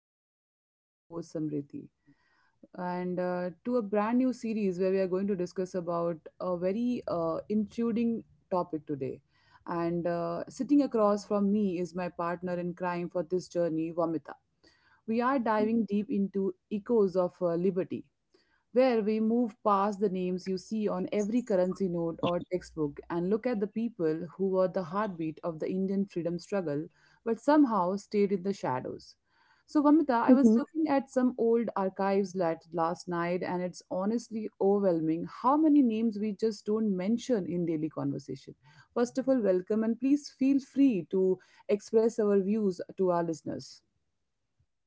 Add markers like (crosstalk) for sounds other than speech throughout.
podcast with your host Samriti, and to a brand new series where we are going to discuss about a very intruding topic today. And Sitting across from me is my partner in crime for this journey, Vamita. We are diving deep into echoes of liberty, where we move past the names you see on every currency note or textbook and look at the people who were the heartbeat of the Indian freedom struggle but somehow stayed in the shadows. So, Vamita, I Uh was huh. looking at some old archives last night, and it's honestly overwhelming how many names we just don't mention in daily conversation. First of all, welcome, and please feel free to express our views to our listeners.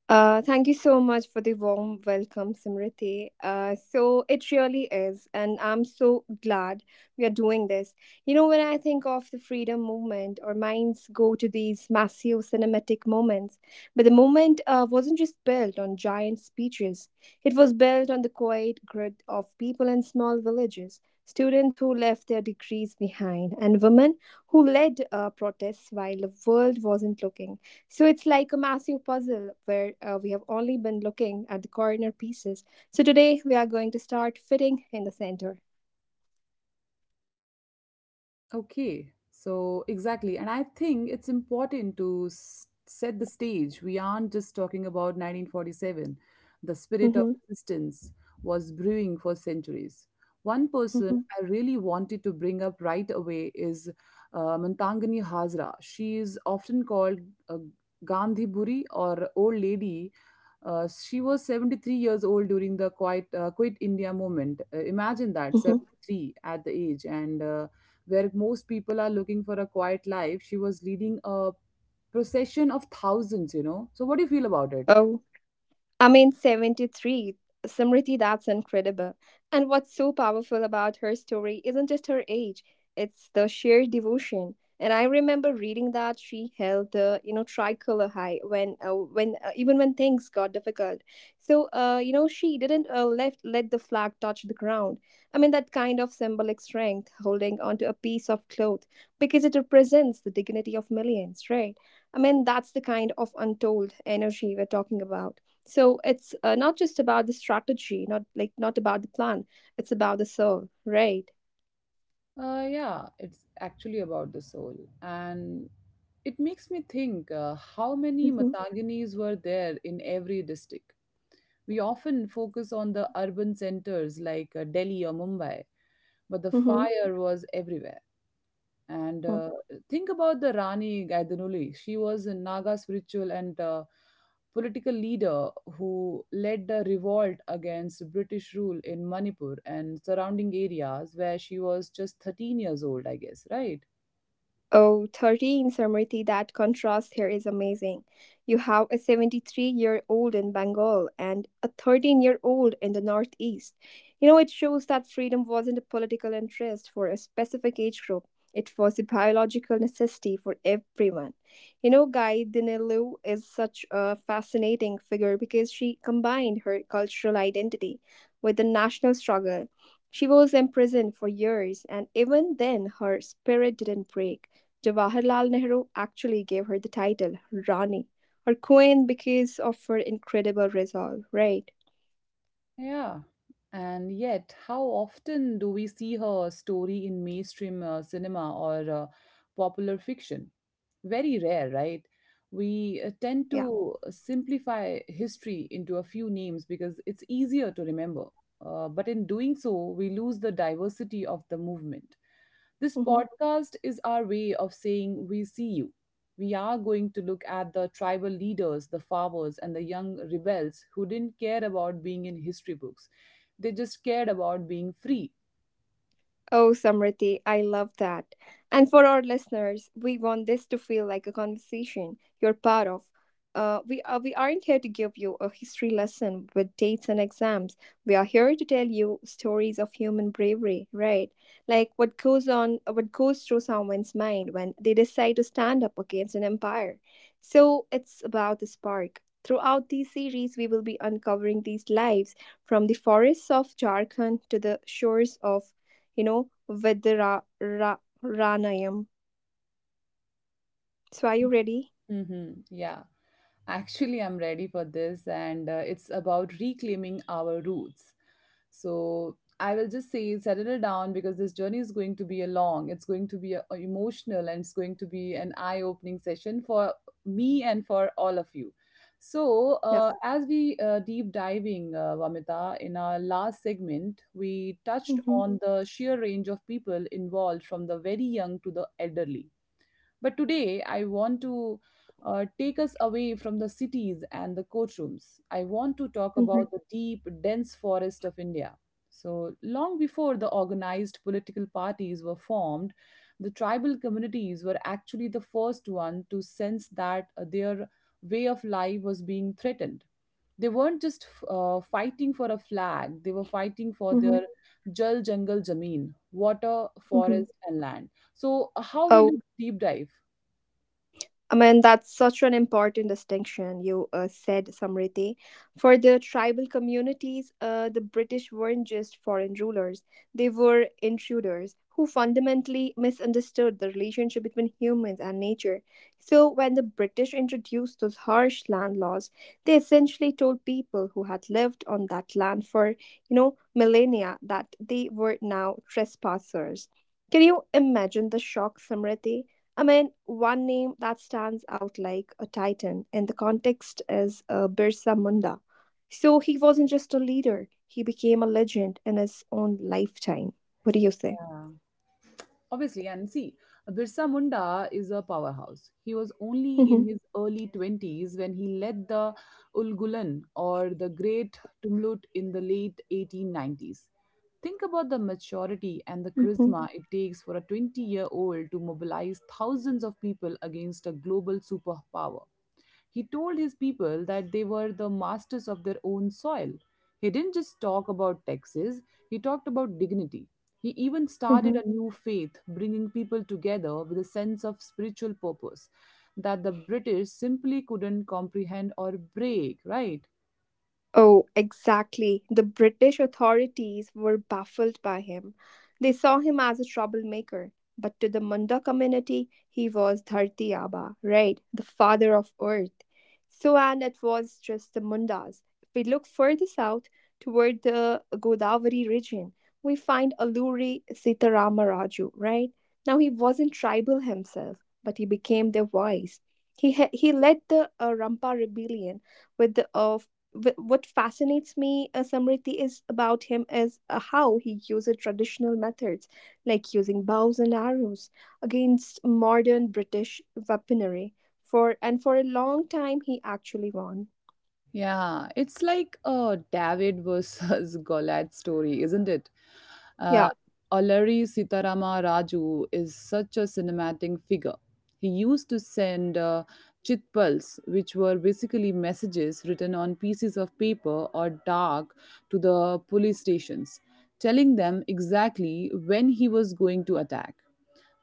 Thank you so much for the warm welcome, Simriti. So it really is, and I'm so glad we are doing this. You know, when I think of the freedom movement, our minds go to these massive cinematic moments. But the movement wasn't just built on giant speeches, it was built on the quiet grit of people in small villages, students who left their degrees behind, and women who led protests while the world wasn't looking. So it's like a massive puzzle where we have only been looking at the corner pieces. So today we are going to start fitting in the center. Okay, so exactly. And I think it's important to set the stage. We aren't just talking about 1947. The spirit of hmm resistance was brewing for centuries. One person hmm I really wanted to bring up right away is Mantangani Hazra. She is often called uh, Gandhi Buri, or Old Lady. She was 73 years old during the Quit India movement. Imagine that, hmm 73 at the age. And Where most people are looking for a quiet life, she was leading a procession of thousands. So, what do you feel about it? Oh, I mean, 73. Samriti, that's incredible. And what's so powerful about her story isn't just her age, it's the sheer devotion. And I remember reading that she held the, you know, tricolor high when even when things got difficult. So, she didn't left let the flag touch the ground. I mean, that kind of symbolic strength, holding onto a piece of cloth, because it represents the dignity of millions, right? I mean, that's the kind of untold energy we're talking about. So it's not just about the strategy, not about the plan. It's about the soul, right? Yeah, it's actually about the soul. And it makes me think how many Mm-hmm. Mataginis were there in every district. We often focus on the urban centers like Delhi or Mumbai, but the Mm-hmm. fire was everywhere. And Think about the Rani Gaidanuli. She was a Naga spiritual and political leader who led the revolt against British rule in Manipur and surrounding areas where she was just 13 years old, I guess, right? Oh, 13, Samriti, that contrast here is amazing. You have a 73-year-old in Bengal and a 13-year-old in the Northeast. You know, it shows that freedom wasn't a political interest for a specific age group. It was a biological necessity for everyone. You know, Guy Dinilu is such a fascinating figure because she combined her cultural identity with the national struggle. She was imprisoned for years, and even then, her spirit didn't break. Jawaharlal Nehru actually gave her the title Rani or Queen because of her incredible resolve, right? Yeah. And yet, how often do we see her story in mainstream cinema or popular fiction? Very rare, right? We tend Yeah. to simplify history into a few names because it's easier to remember. But in doing so, we lose the diversity of the movement. This hmm podcast is our way of saying we see you. We are going to look at the tribal leaders, the farmers, and the young rebels who didn't care about being in history books. They just cared about being free. Oh, Samriti, I love that. And for our listeners, we want this to feel like a conversation you're part of. We aren't here to give you a history lesson with dates and exams. We are here to tell you stories of human bravery, right? Like what goes on, what goes through someone's mind when they decide to stand up against an empire. So it's about the spark. Throughout these series, we will be uncovering these lives from the forests of Jharkhand to the shores of, you know, with the Ranayam. So, are you ready? Mm-hmm. Yeah. Actually, I'm ready for this, and it's about reclaiming our roots. So I will just say, settle down because this journey is going to be a long, it's going to be a emotional, and it's going to be an eye opening session for me and for all of you. So, Yeah. as we deep diving, Vamita, in our last segment, we touched Mm-hmm. on the sheer range of people involved from the very young to the elderly but today, I want to take us away from the cities and the courtrooms. I want to talk Mm-hmm. about the deep, dense forest of India. So, long before the organized political parties were formed, the tribal communities were actually the first one to sense that their way of life was being threatened. They weren't just fighting for a flag, they were fighting for Mm-hmm. their Jal Jangal Jameen, water, Mm-hmm. forest, and land. So, how will Oh, you deep dive? I mean, that's such an important distinction you said, Samriti. For the tribal communities, the British weren't just foreign rulers, they were intruders who fundamentally misunderstood the relationship between humans and nature. So, when the British introduced those harsh land laws, they essentially told people who had lived on that land for, you know, millennia that they were now trespassers. Can you imagine the shock, Samriti? I mean, one name that stands out like a titan, and the context is Birsa Munda. So he wasn't just a leader, he became a legend in his own lifetime. What do you say? Yeah, obviously. And see, Birsa Munda is a powerhouse. He was only hmm in his early 20s when he led the Ulgulan, or the Great Tumlut, in the late 1890s. Think about the maturity and the hmm charisma it takes for a 20-year-old to mobilize thousands of people against a global superpower. He told his people that they were the masters of their own soil. He didn't just talk about taxes, he talked about dignity. He even started hmm a new faith, bringing people together with a sense of spiritual purpose that the British simply couldn't comprehend or break, right? Oh, exactly. The British authorities were baffled by him. They saw him as a troublemaker. But to the Munda community, he was Dharti Aba, right? The father of earth. So, and it was just the Mundas. If we look further south toward the Godavari region, we find Alluri Sitaramaraju, right? Now, he wasn't tribal himself, but he became their voice. He led the Rampa rebellion with the what fascinates me, Samriti, is about him is how he uses traditional methods like using bows and arrows against modern British weaponry. For a long time, he actually won. Yeah, it's like a David versus (laughs) Goliath story, isn't it? Yeah. Uh, Allari Sitarama Raju is such a cinematic figure. He used to send chitpals, which were basically messages written on pieces of paper or dark, to the police stations, telling them exactly when he was going to attack.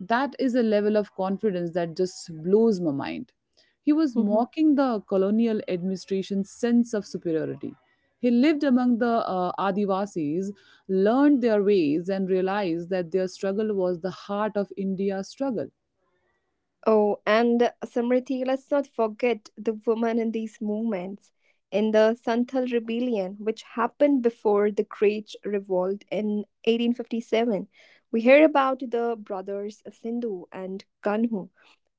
That is a level of confidence that just blows my mind. He was Mm-hmm. mocking the colonial administration's sense of superiority. He lived among the Adivasis, learned their ways, and realized that their struggle was the heart of India's struggle. Oh, and Samriti, let's not forget the women in these movements. In the Santhal Rebellion, which happened before the Great Revolt in 1857, we hear about the brothers Sindhu and Kanhu,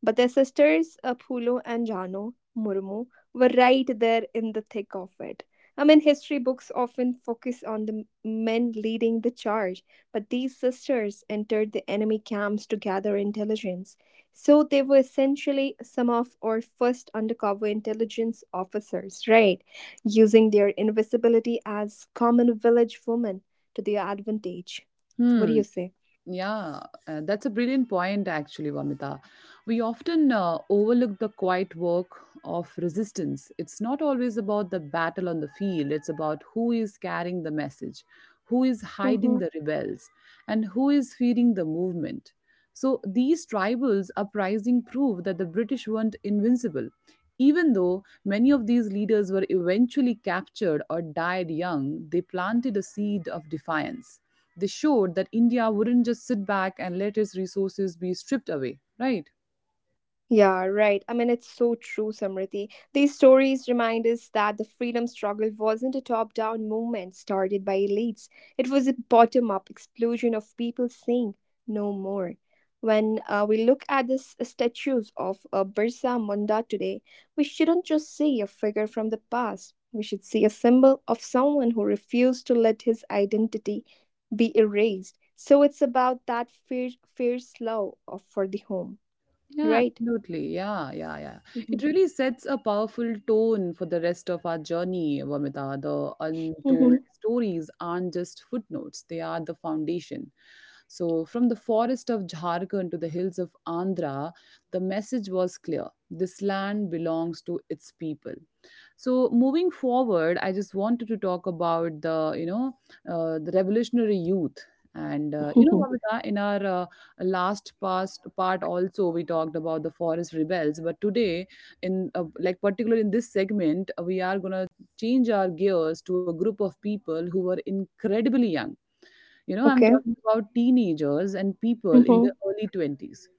but their sisters Phulo and Jano Murmu were right there in the thick of it. I mean, history books often focus on the men leading the charge, but these sisters entered the enemy camps to gather intelligence, so they were essentially some of our first undercover intelligence officers, right? Using their invisibility as common village women to their advantage. What do Hmm. you say? Yeah, that's a brilliant point, actually, Vamita. We often overlook the quiet work of resistance. It's not always about the battle on the field, it's about who is carrying the message, who is hiding the rebels, and who is feeding the movement. So these tribals uprising prove that the British weren't invincible. Even though many of these leaders were eventually captured or died young, they planted a seed of defiance. They showed that India wouldn't just sit back and let its resources be stripped away, right? Yeah, right. I mean, it's so true, Samriti. These stories remind us that the freedom struggle wasn't a top down movement started by elites, it was a bottom up explosion of people saying, no more. When we look at the statues of Birsa Munda today, we shouldn't just see a figure from the past. We should see a symbol of someone who refused to let his identity be erased. So it's about that fierce, fierce love of, for the home, Yeah, right? absolutely. Yeah, yeah, yeah. It really sets a powerful tone for the rest of our journey, Vamita. The untold Mhm. stories aren't just footnotes, they are the foundation. So, from the forest of Jharkhand to the hills of Andhra, the message was clear: this land belongs to its people. So, moving forward, I just wanted to talk about the revolutionary youth. And you know, (laughs) Babita, in our last past part also we talked about the forest rebels, but today, in like particularly in this segment, we are gonna change our gears to a group of people who were incredibly young. You know, I'm Okay. talking about teenagers and people in their Mhm. early 20s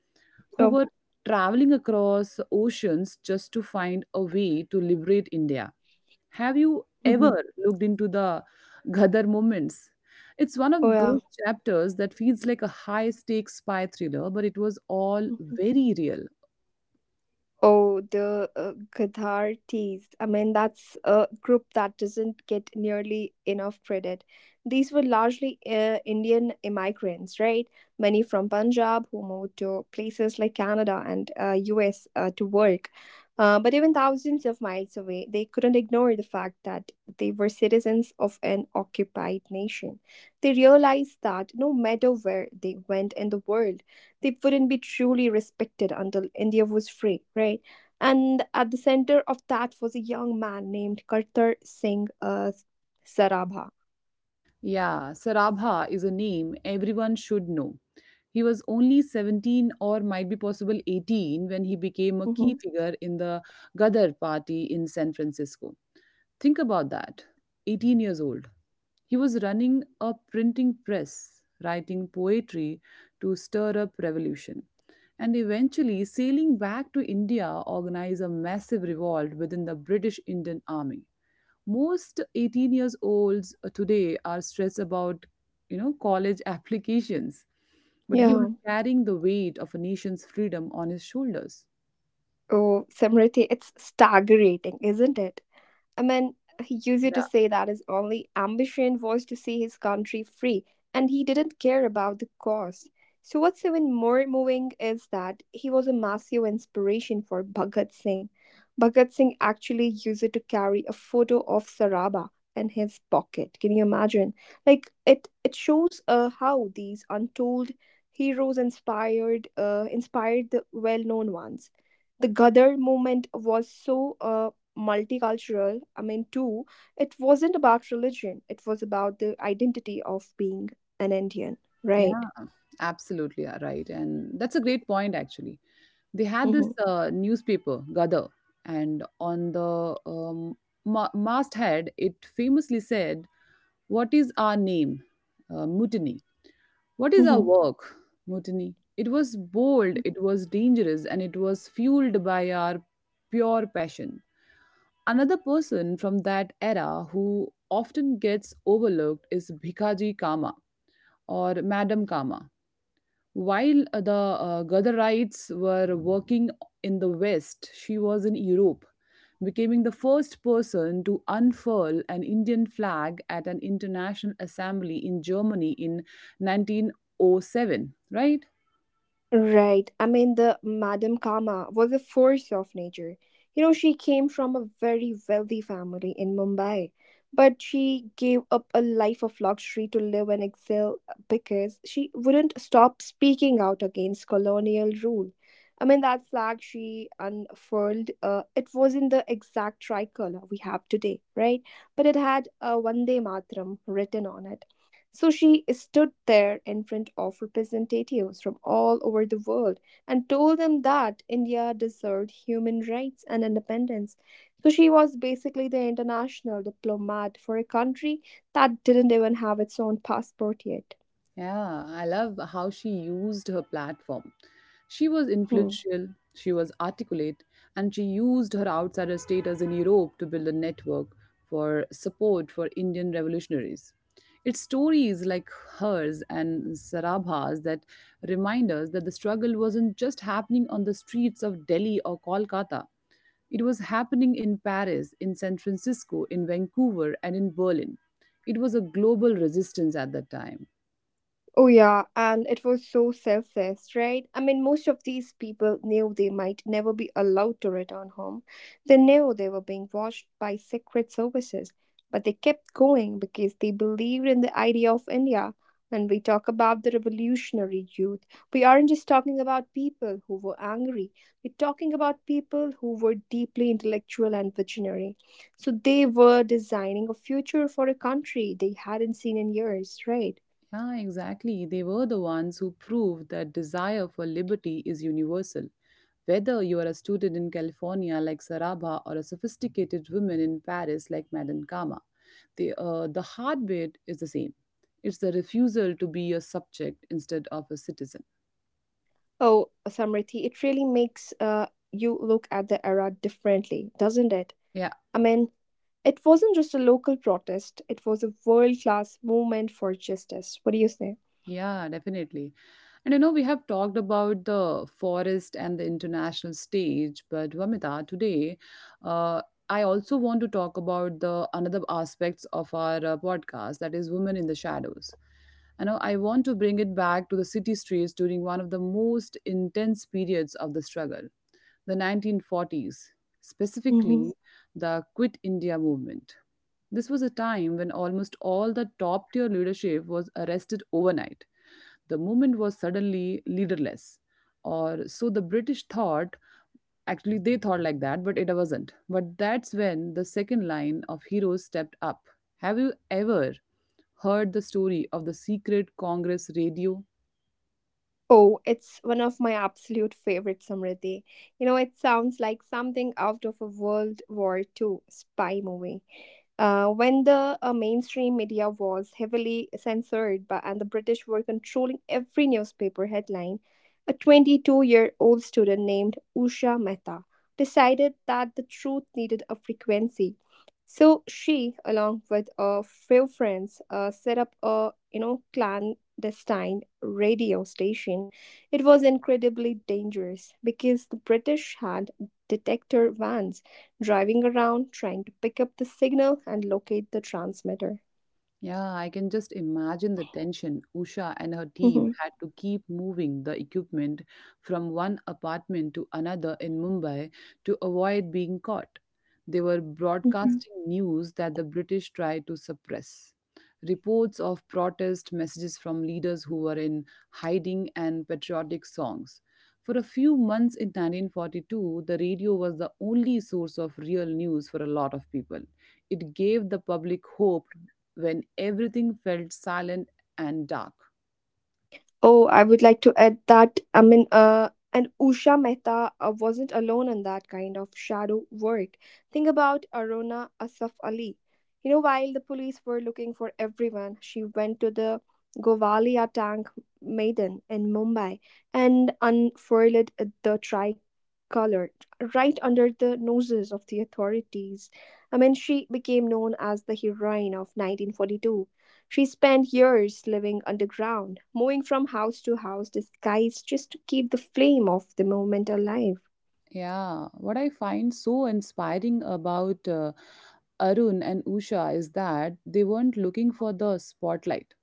who Oh. were traveling across oceans just to find a way to liberate India. Have you Mhm. ever looked into the Ghadar moments? It's one Oh of yeah. those chapters that feels like a high stakes spy thriller, but it was all Mm-hmm. very real. Oh, the Gadhar teas. I mean, that's a group that doesn't get nearly enough credit. These were largely Indian immigrants, right? Many from Punjab who moved to places like Canada and US to work. But even thousands of miles away, they couldn't ignore the fact that they were citizens of an occupied nation. They realized that no matter where they went in the world, they wouldn't be truly respected until India was free, right? And at the center of that was a young man named Kartar Singh Sarabha. Yeah, Sarabha is a name everyone should know. He was only 17, or might be possible 18, when he became a hmm key figure in the Gadar party in San Francisco. Think about that. 18 years old. He was running a printing press, writing poetry to stir up revolution, and eventually sailing back to India organize a massive revolt within the British Indian Army. Most 18 years olds today are stressed about you know college (laughs) applications, but he was Yeah. carrying the weight of a nation's freedom on his shoulders. Oh, Samriti, it's staggering, isn't it? A man, he used to Yeah, say that his only ambition was to see his country free and he didn't care about the cost. So, what's even more moving is that he was a massive inspiration for Bhagat Singh. Bhagat Singh actually used to carry a photo of Saraba in his pocket. Can you imagine? Like it shows how these untold heroes inspired the well-known ones. The Ghadar movement was so multicultural. I mean, too, it wasn't about religion, it was about the identity of being an Indian, right? yeah, absolutely, yeah, right. And that's a great point, actually. They had this hmm newspaper Gadar, and on the um, masthead it famously said, what is our name? Mutiny. What is our hmm work? Mutiny? It was bold, it was dangerous, and it was fueled by our pure passion. Another person from that era who often gets overlooked is Bhikaji Kama, or Madam Kama. While the Gadarites were working in the West, she was in Europe, becoming the first person to unfurl an Indian flag at an international assembly in Germany in 1907, right? Right. I mean, the Madame Kama was a force of nature. You know, she came from a very wealthy family in Mumbai, but she gave up a life of luxury to live and excel because she wouldn't stop speaking out against colonial rule. I mean, that flag she unfurled, it wasn't the exact tricolor we have today, right? But it had Vande Matram written on it, so she stood there in front of representatives from all over the world and told them that India deserved human rights and independence. So she was basically the international diplomat for a country that didn't even have its own passport yet. Yeah, I love how she used her platform. She was Hmm. influential, she was articulate, and she used her outsider status in Europe to build a network for support for Indian revolutionaries. It's stories like hers and Sarabha's that remind us that the struggle wasn't just happening on the streets of Delhi or Kolkata. It was happening in Paris, in San Francisco, in Vancouver, and in Berlin. It was a global resistance at that time. Oh, yeah, and it was so selfless, right? I mean, most of these people knew they might never be allowed to return home. They knew they were being watched by secret services, but they kept going because they believed in the idea of India. When we talk about the revolutionary youth, we aren't just talking about people who were angry, we're talking about people who were deeply intellectual and visionary. So they were designing a future for a country they hadn't seen in years, right? Yeah, exactly. They were the ones who proved that desire for liberty is universal. Whether you are a student in California like Sarabha or a sophisticated woman in Paris like Madame Kama, the heartbeat is the same. It's the refusal to be a subject instead of a citizen. Oh, Samriti, it really makes you look at the era differently, doesn't it? Yeah, I mean, it wasn't just a local protest, it was a world class movement for justice. What do you say? yeah, definitely. And you know, we have talked about the forest and the international stage, but Vamita, today uh, I also want to talk about the another aspects of our podcast, that is women in the shadows. And now I want to bring it back to the city streets during one of the most intense periods of the struggle, the 1940s, Mhm. specifically the Quit India movement. This was a time when almost all the top tier leadership was arrested overnight. The movement was suddenly leaderless. Or so the British thought. Actually, they thought like that, but it wasn't. But that's when the second line of heroes stepped up. Have you ever heard the story of the secret Congress radio? Oh, it's one of my absolute favorites, Samriddhi. You know, it sounds like something out of a World War Two spy movie. When the mainstream media was heavily censored by, and the British were controlling every newspaper headline, a 22-year-old year old student named Usha Mehta decided that the truth needed a frequency. So she, along with a few friends, set up a, you know, clan destined radio station. It was incredibly dangerous because the British had detector vans driving around trying to pick up the signal and locate the transmitter. Yeah, I can just imagine the tension. Usha and her team Mhm. had to keep moving the equipment from one apartment to another in Mumbai to avoid being caught. They were broadcasting news that the British tried to suppress. Reports of protest messages from leaders who were in hiding and patriotic songs. For a few months in 1942, the radio was the only source of real news for a lot of people. It gave the public hope when everything felt silent and dark. Oh, I would like to add that I mean, and Usha Mehta wasn't alone in that kind of shadow work. Think about Aruna Asaf Ali. You know, while the police were looking for everyone, she went to the Govalia Tank Maiden in Mumbai and unfurled the tricolor right under the noses of the authorities. I mean, she became known as the heroine of 1942. She spent years living underground, moving from house to house disguised just to keep the flame of the movement alive. Yeah, what I find so inspiring about Arun and Usha is that they weren't looking for the spotlight.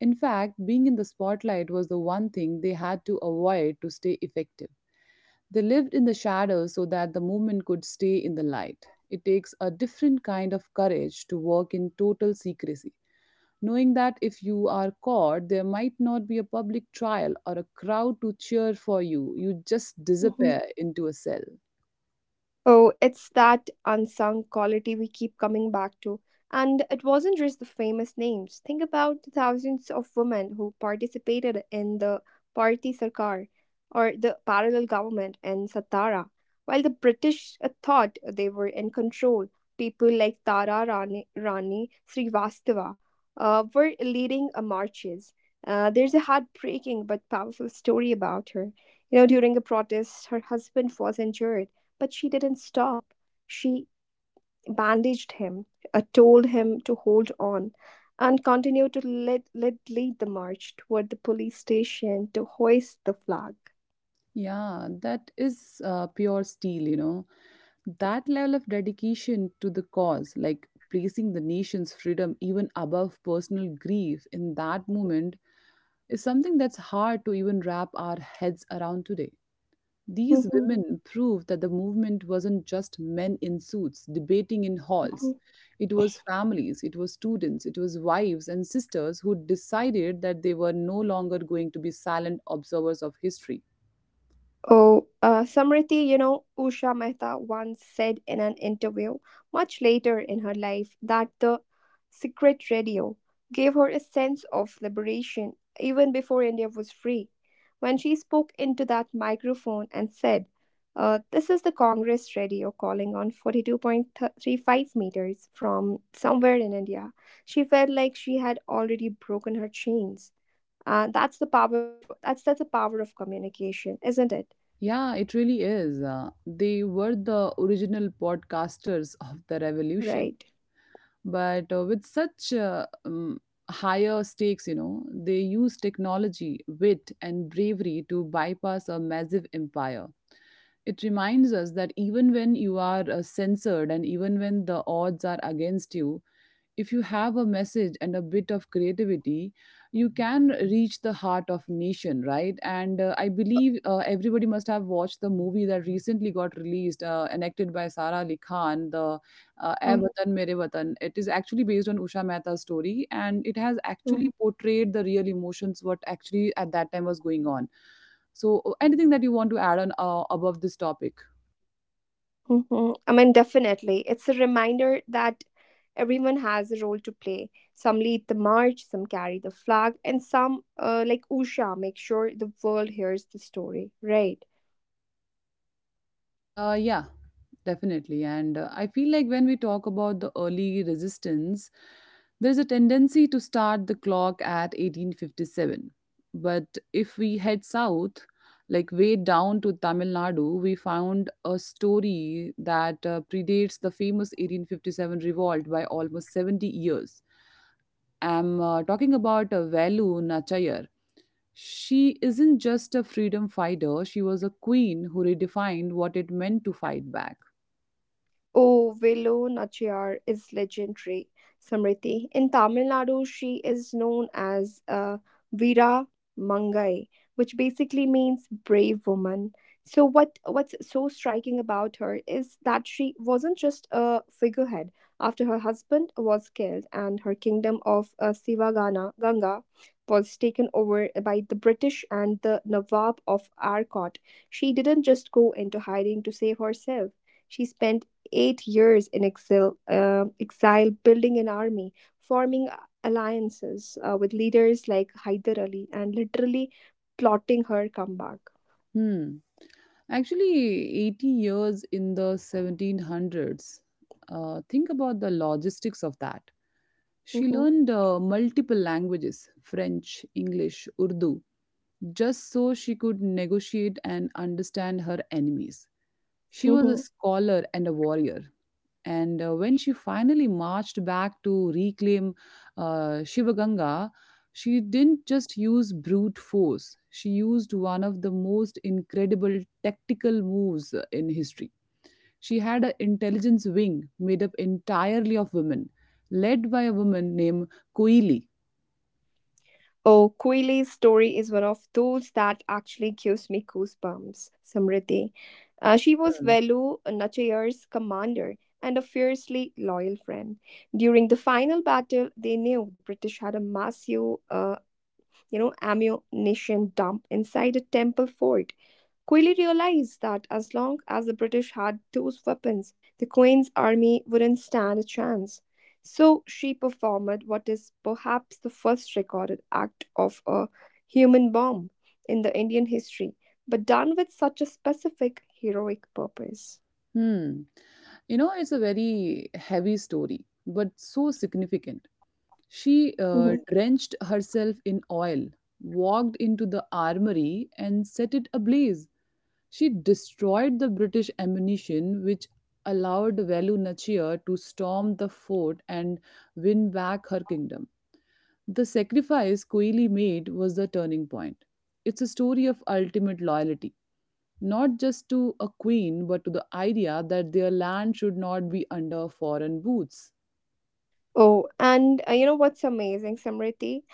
In fact, being in the spotlight was the one thing they had to avoid to stay effective. They lived in the shadows so that the movement could stay in the light. It takes a different kind of courage to work in total secrecy, knowing that if you are caught, there might not be a public trial or a crowd to cheer for you. You just Mhm. disappear into a cell. Oh, it's that unsung quality we keep coming back to. And it wasn't just the famous names. Think about the thousands of women who participated in the Party Sarkar or the parallel government in Satara. While the British thought they were in control, people like Tara Rani, Rani Srivastava were leading marches. There's a heartbreaking but powerful story about her. You know, during a protest, her husband was injured but she didn't stop. She bandaged him, told him to hold on, and continued to lead the march toward the police station to hoist the flag. Yeah, that is pure steel, you know. That level of dedication to the cause, like placing the nation's freedom even above personal grief in that moment, is something that's hard to even wrap our heads around today. These Mhm, women proved that the movement wasn't just men in suits debating in mhm. halls. It was families, it was students, it was wives and sisters who decided that they were no longer going to be silent observers of history. Oh, Samriti, you know, Usha Mehta once said in an interview much later in her life that the secret radio gave her a sense of liberation even before India was free. When she spoke into that microphone and said, This is the Congress radio calling on 42.35 meters from somewhere in India, she felt like she had already broken her chains. That's the powerful. That's the power of communication, isn't it? Yeah, it really is. They were the original podcasters of the revolution. Right. But with such higher stakes, you know, they use technology, wit, and bravery to bypass a massive empire. It reminds us that even when you are censored, and even when the odds are against you, if you have a message and a bit of creativity, you can reach the heart of nation, right? And I believe everybody must have watched the movie that recently got released, and by Sara Ali Khan, the Ae Oh, Watan Mere Watan. It is actually based on Usha Mehta's story, and it has oh, actually portrayed the real emotions what actually at that time was going on. So anything that you want to add on above this topic? oh. I mean, definitely. It's a reminder that everyone has a role to play. Some lead the march, some carry the flag, and some, like Usha, make sure the world hears the story. Right. Yeah. Definitely. And I feel like when we talk about the early resistance, there's a tendency to start the clock at 1857. But if we head south, like way down to Tamil Nadu, we found a story that predates the famous 1857 revolt by almost 70 years. I'm talking about Velu Nachayar. She isn't just a freedom fighter, she was a queen who redefined what it meant to fight back. Oh, Velu Nachiyar is legendary, Samriti. In Tamil Nadu, she is known as Veera Mangai, which basically means brave woman. So what's so striking about her is that she wasn't just a figurehead. After her husband was killed and her kingdom of Sivagana Ganga was taken over by the British and the Nawab of Arcot, she didn't just go into hiding to save herself. She spent 8 years in exile, building an army, forming alliances with leaders like Hyder Ali, and literally plotting her comeback. Hmm. Actually, 80 years in the 1700s. Think about the logistics of that. She Mhm, learned multiple languages: French, English, Urdu, just so she could negotiate and understand her enemies. She was a mhm. scholar and a warrior. And when she finally marched back to reclaim Shivaganga, she didn't just use brute force, she used one of the most incredible tactical moves in history. She had an intelligence wing made up entirely of women, led by a woman named Koili. Oh, Quilly's story is one of those that actually gives me goosebumps, Samriti. She was Hmm. Velu Nachayar's commander and a fiercely loyal friend. During the final battle, they knew the British had a massive, ammunition dump inside a temple fort. Quickly realized that as long as the British had those weapons, the Queen's army wouldn't stand a chance. So she performed what is perhaps the first recorded act of a human bomb in the Indian history, but done with such a specific heroic purpose. Hmm. You know, it's a very heavy story, but so significant. She Mm-hmm. drenched herself in oil, walked into the armory, and set it ablaze. She destroyed the British ammunition, which allowed Velu Nachiyar to storm the fort and win back her kingdom. The sacrifice Koili made was the turning point. It's a story of ultimate loyalty, not just to a queen, but to the idea that their land should not be under foreign boots. Oh, and you know what's amazing, Samriti?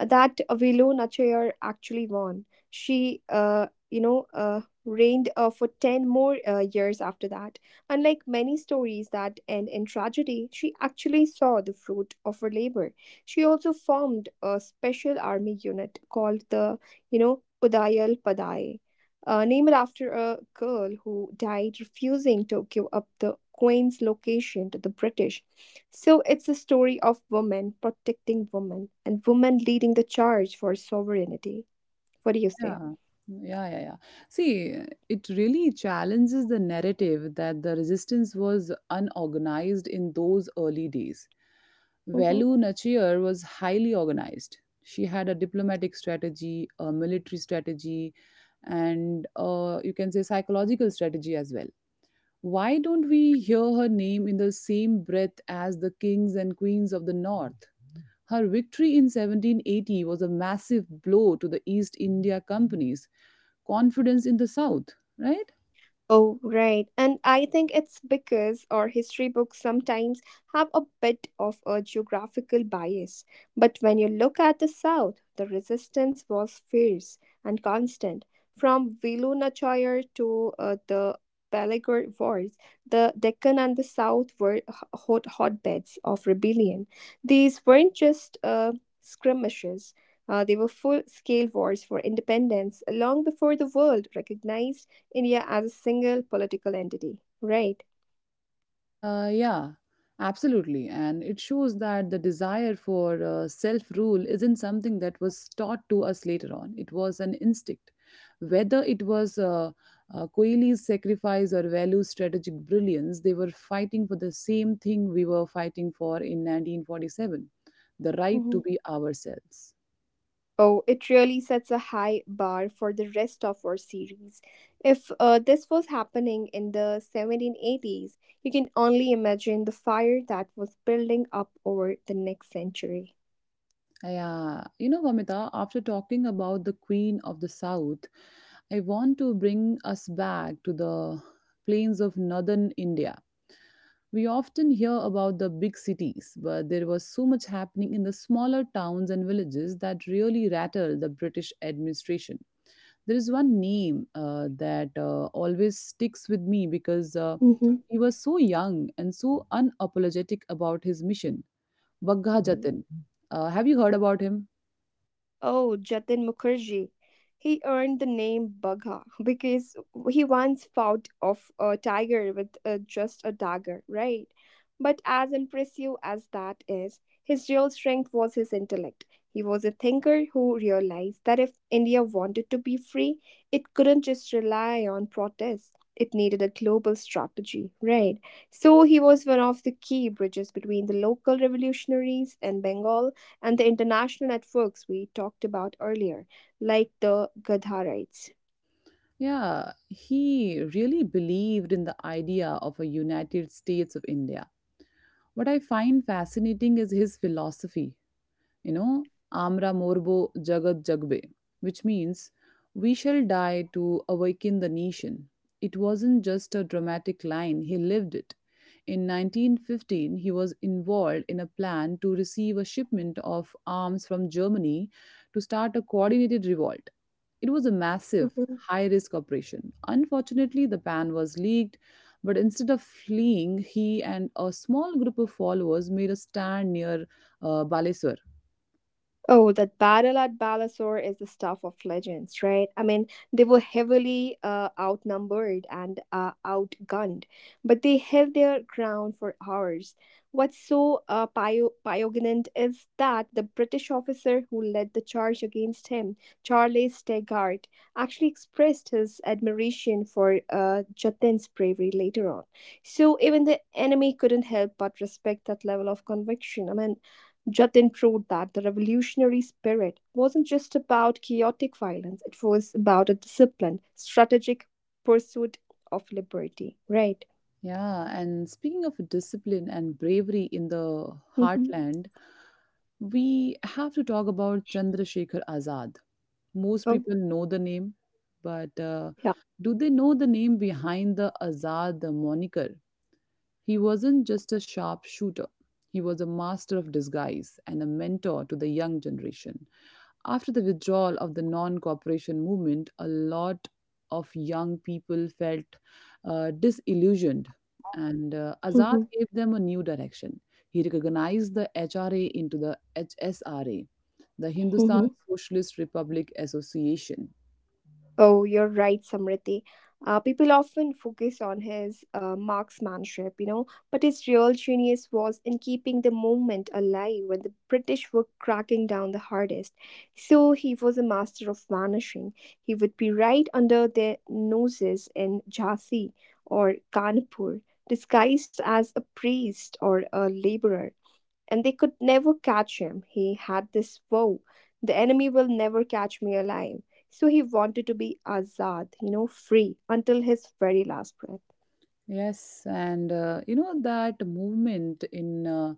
That Vilo Nachayar actually won. She reigned for 10 more years after that. Unlike many stories that end in tragedy, she actually saw the fruit of her labor. She also formed a special army unit called the, Udayal Padai, named after a girl who died refusing to give up the queen's location to the British. So it's a story of women protecting women and women leading the charge for sovereignty. What do you Yeah. say? Mm, yeah, yeah, yeah. See, it really challenges the narrative that the resistance was unorganized in those early days. Mm-hmm. Velu Nachiyar was highly organized. She had a diplomatic strategy, a military strategy, and you can say psychological strategy as well. Why don't we hear her name in the same breath as the kings and queens of the north? Her victory in 1780 was a massive blow to the East India Company confidence in the South, right? Oh, right. And I think it's because our history books sometimes have a bit of a geographical bias. But when you look at the South, the resistance was fierce and constant. From Velu Nachayar to the Pelagor Wars, the Deccan and the South were hotbeds of rebellion. These weren't just skirmishes. They were full scale wars for independence long before the world recognized India as a single political entity, right? Yeah, absolutely. And it shows that the desire for self rule isn't something that was taught to us later on. It was an instinct. Whether it was Coeli's sacrifice or Value's strategic brilliance, they were fighting for the same thing we were fighting for in 1947, the right Mhm. to be ourselves. Oh, it really sets a high bar for the rest of our series. If this was happening in the 1780s, you can only imagine the fire that was building up over the next century. Yeah, you know, Vamita, after talking about the Queen of the South, I want to bring us back to the plains of northern India. We often hear about the big cities, but there was so much happening in the smaller towns and villages that really rattled the British administration. There is one name that always sticks with me because Mhm. he was so young and so unapologetic about his mission, Bagha Mhm. Jatin. Have you heard about him? Oh, Jatin Mukherjee. He earned the name Bagha because he once fought off a tiger with just a dagger, right? But as impressive as that is, his real strength was his intellect. He was a thinker who realized that if India wanted to be free, it couldn't just rely on protest. It needed a global strategy, right? So he was one of the key bridges between the local revolutionaries in Bengal and the international networks we talked about earlier, like the Gadharites. Yeah, he really believed in the idea of a United States of India. What I find fascinating is his philosophy, you know, Amra Morbo Jagat Jagbe, which means we shall die to awaken the nation. It wasn't just a dramatic line, he lived it. In 1915, he was involved in a plan to receive a shipment of arms from Germany to start a coordinated revolt. It was a massive, high risk operation. Unfortunately, the plan was leaked, but instead of fleeing, he and a small group of followers made a stand near Baleswar. Oh, that battle at Balasore is the stuff of legends, right? I mean, they were heavily outnumbered and outgunned, but they held their ground for hours. What's so piognant is that the British officer who led the charge against him, Charles Stegart, actually expressed his admiration for Jatin's bravery later on. So even the enemy couldn't help but respect that level of conviction. I mean, Jatin proved that the revolutionary spirit wasn't just about chaotic violence, it was about a disciplined, strategic pursuit of liberty, right? Yeah, and speaking of discipline and bravery in the Hmm. heartland, we have to talk about Chandrasekhar Azad. Most Oh, people know the name, but yeah. do they know the name behind the Azad moniker? He wasn't just a sharpshooter. He was a master of disguise and a mentor to the young generation. After the withdrawal of the non cooperation movement, a lot of young people felt disillusioned, and Azad Hmm. gave them a new direction. He recognized the HRA into the HSRA, the Hindustan Hmm. Socialist Republic Association. Oh, you're right, Samriti. People often focus on his marksmanship, you know, but his real genius was in keeping the movement alive when the British were cracking down the hardest. So he was a master of vanishing. He would be right under their noses in Jhansi or Kanpur, disguised as a priest or a laborer and they could never catch him. He had this vow the enemy will never catch me alive. So he wanted to be azad, you know, free until his very last breath. Yes, and you know that movement in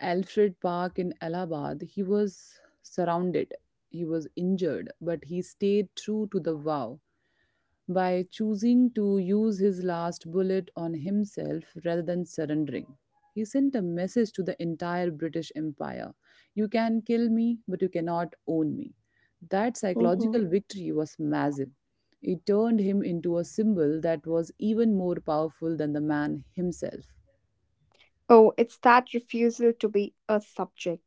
Alfred Park in Allahabad, he was surrounded, he was injured, but he stayed true to the vow by choosing to use his last bullet on himself rather than surrendering. He sent a message to the entire British Empire: you can kill me, but you cannot own me. That Hmm. psychological victory was massive. It turned him into a symbol that was even more powerful than the man himself. Oh, it's that refusal to be a subject.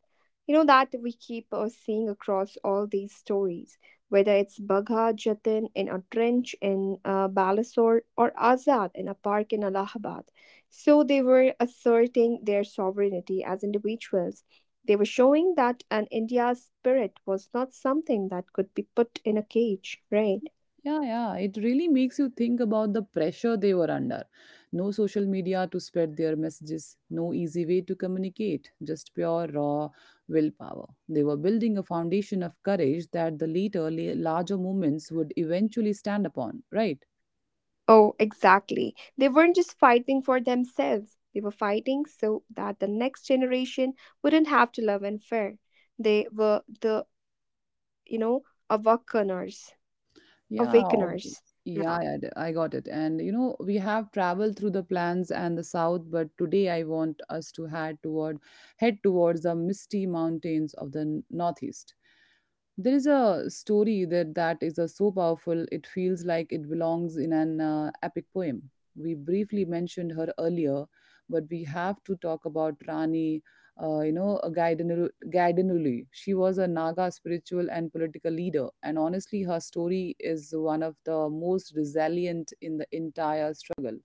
You know, that we keep seeing across all these stories, whether it's Bagha Jatin in a trench in Balasore or Azad in a park in Allahabad. So they were asserting their sovereignty as individuals. They were showing that an India spirit was not something that could be put in a cage, right? Yeah, yeah. It really makes you think about the pressure they were under. No social media to spread their messages, no easy way to communicate, just pure, raw willpower. They were building a foundation of courage that the later, larger movements would eventually stand upon, right? Oh, exactly. They weren't just fighting for themselves, they were fighting so that the next generation wouldn't have to love unfair. They were the, you know, awakeners. Yeah, obvious. Awakeners. Yeah. Yeah, yeah, I got it. And you know, we have traveled through the plains and the south, but today I want us to head toward head towards the misty mountains of the northeast. There is a story that is so powerful it feels like it belongs in an epic poem. We briefly mentioned her earlier, but we have to talk about Rani you know, a Gaidanuli. She was a Naga spiritual and political leader, and honestly, her story is one of the most resilient in the entire struggle.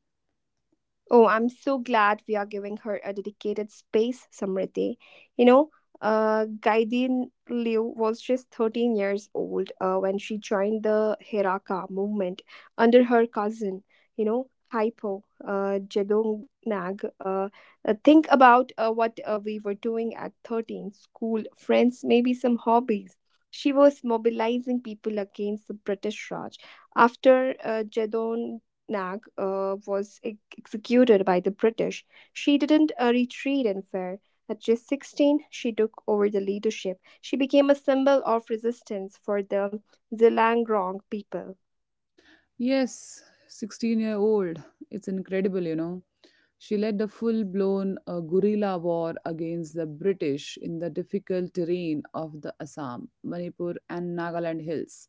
Oh, I'm so glad we are giving her a dedicated space, Samriti. You know, Gaidin Liu was just 13 years old when she joined the Hiraka movement under her cousin, Hypo, Jedong Nag. Think about what we were doing at 13 school, friends, maybe some hobbies. She was mobilizing people against the British Raj. After Jedong Nag was executed by the British, she didn't retreat and fare. At just 16, she took over the leadership. She became a symbol of resistance for the Zhelangrong people. Yes, 16-year-old. It's incredible, you know. She led a full blown guerrilla war against the British in the difficult terrain of the Assam, Manipur, and Nagaland hills.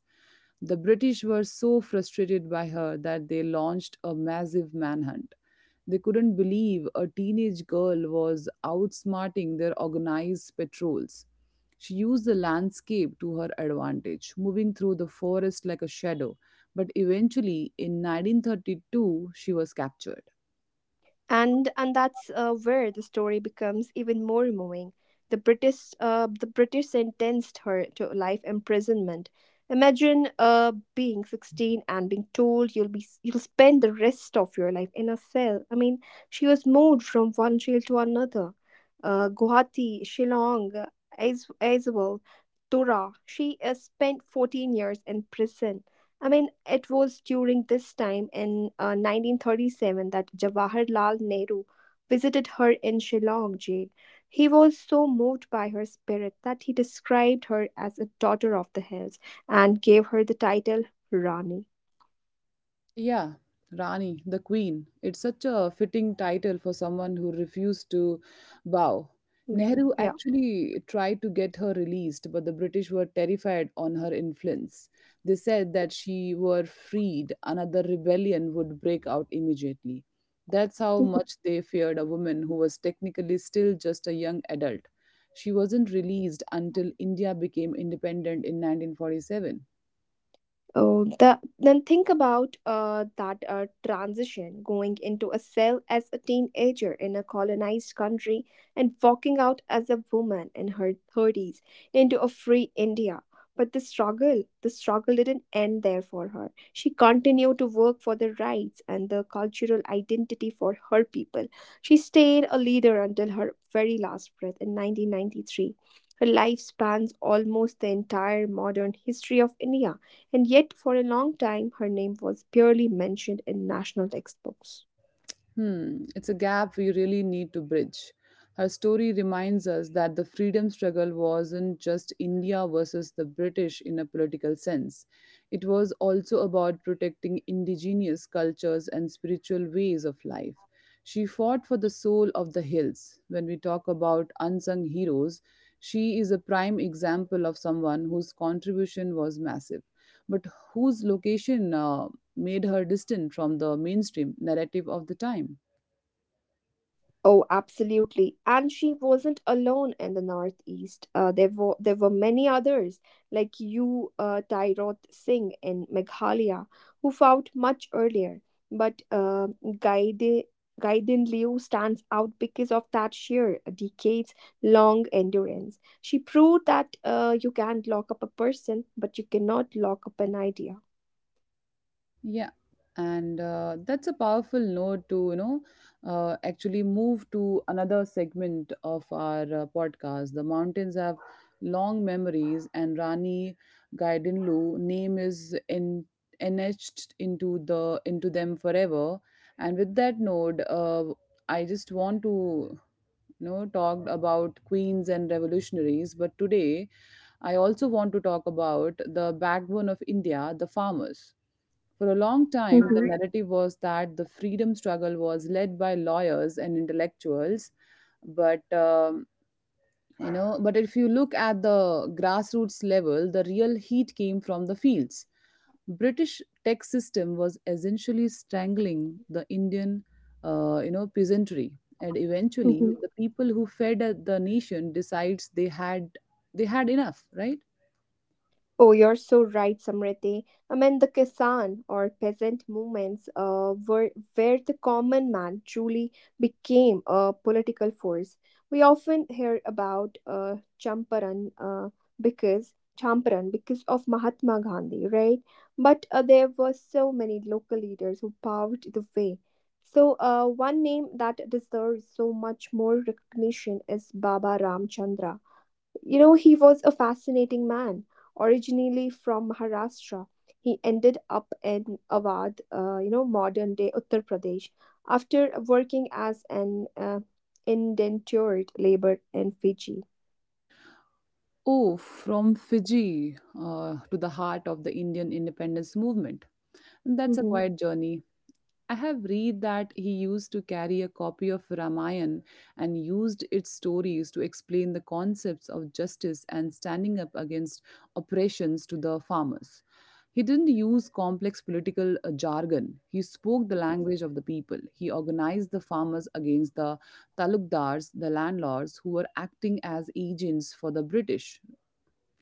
The British were so frustrated by her that they launched a massive manhunt. They couldn't believe a teenage girl was outsmarting their organized patrols. She used the landscape to her advantage, moving through the forest like a shadow, but eventually, in 1932, she was captured. And that's where the story becomes even more moving. The British sentenced her to life imprisonment. Imagine being 16 and being told you'll spend the rest of your life in a cell. I mean, she was moved from one jail to another, Guwahati, Shillong, Aizawl, Tura. She spent 14 years in prison. I mean, it was during this time in 1937 that Jawaharlal Nehru visited her in Shillong jail. He was so moved by her spirit that he described her as a daughter of the hills and gave her the title Rani. Yeah, Rani, the Queen. It's such a fitting title for someone who refused to bow. Mhm. Nehru Yeah. actually tried to get her released, but the British were terrified on her influence. They said that she were freed, another rebellion would break out immediately. That's how Mm-hmm. much they feared a woman who was technically still just a young adult. She wasn't released until India became independent in 1947. Oh, the, then think about that transition going into a cell as a teenager in a colonized country and walking out as a woman in her 30s into a free India. But the struggle didn't end there for her. She continued to work for the rights and the cultural identity for her people. She stayed a leader until her very last breath in 1993. Her life spans almost the entire modern history of India and yet for a long time her name was barely mentioned in national textbooks. Hmm, it's a gap we really need to bridge. Her story reminds us that the freedom struggle wasn't just India versus the British in a political sense. It was also about protecting indigenous cultures and spiritual ways of life. She fought for the soul of the hills. When we talk about unsung heroes, she is a prime example of someone whose contribution was massive, but whose location made her distant from the mainstream narrative of the time. Oh, absolutely. And she wasn't alone in the Northeast. There were many others like you, Tyroth Singh in Meghalaya, who fought much earlier. But Gaide Gaiden Liu stands out because of that sheer decades long endurance. She proved that you can lock up a person, but you cannot lock up an idea. Yeah, and that's a powerful note to, you know, actually move to another segment of our podcast. The mountains have long memories, and Rani Gaidinlu name is enmeshed into the into them forever. And with that note, I just want to, you know, talk about queens and revolutionaries, but today I also want to talk about the backbone of India, the farmers. For a long time, the Mhm, narrative was that the freedom struggle was led by lawyers and intellectuals, but you know, but if you look at the grassroots level, the real heat came from the fields. British tech system was essentially strangling the Indian, peasantry, and eventually mhm. the people who fed the nation decides they had enough, right? Oh, you're so right, Samriti. I mean, the Kisan or peasant movements were where the common man truly became a political force. We often hear about because Champaran because of Mahatma Gandhi, right? But there were so many local leaders who paved the way. So, one name that deserves so much more recognition is Baba Ramchandra. You know, he was a fascinating man. Originally from Maharashtra, he ended up in Awadh, you know, modern day Uttar Pradesh, after working as an indentured labor in Fiji. Oh, from Fiji to the heart of the Indian independence movement. That's a quiet journey. I have read that he used to carry a copy of Ramayana and used its stories to explain the concepts of justice and standing up against oppressions to the farmers. He didn't use complex political jargon. He spoke the language of the people. He organized the farmers against the talukdars, the landlords, who were acting as agents for the British.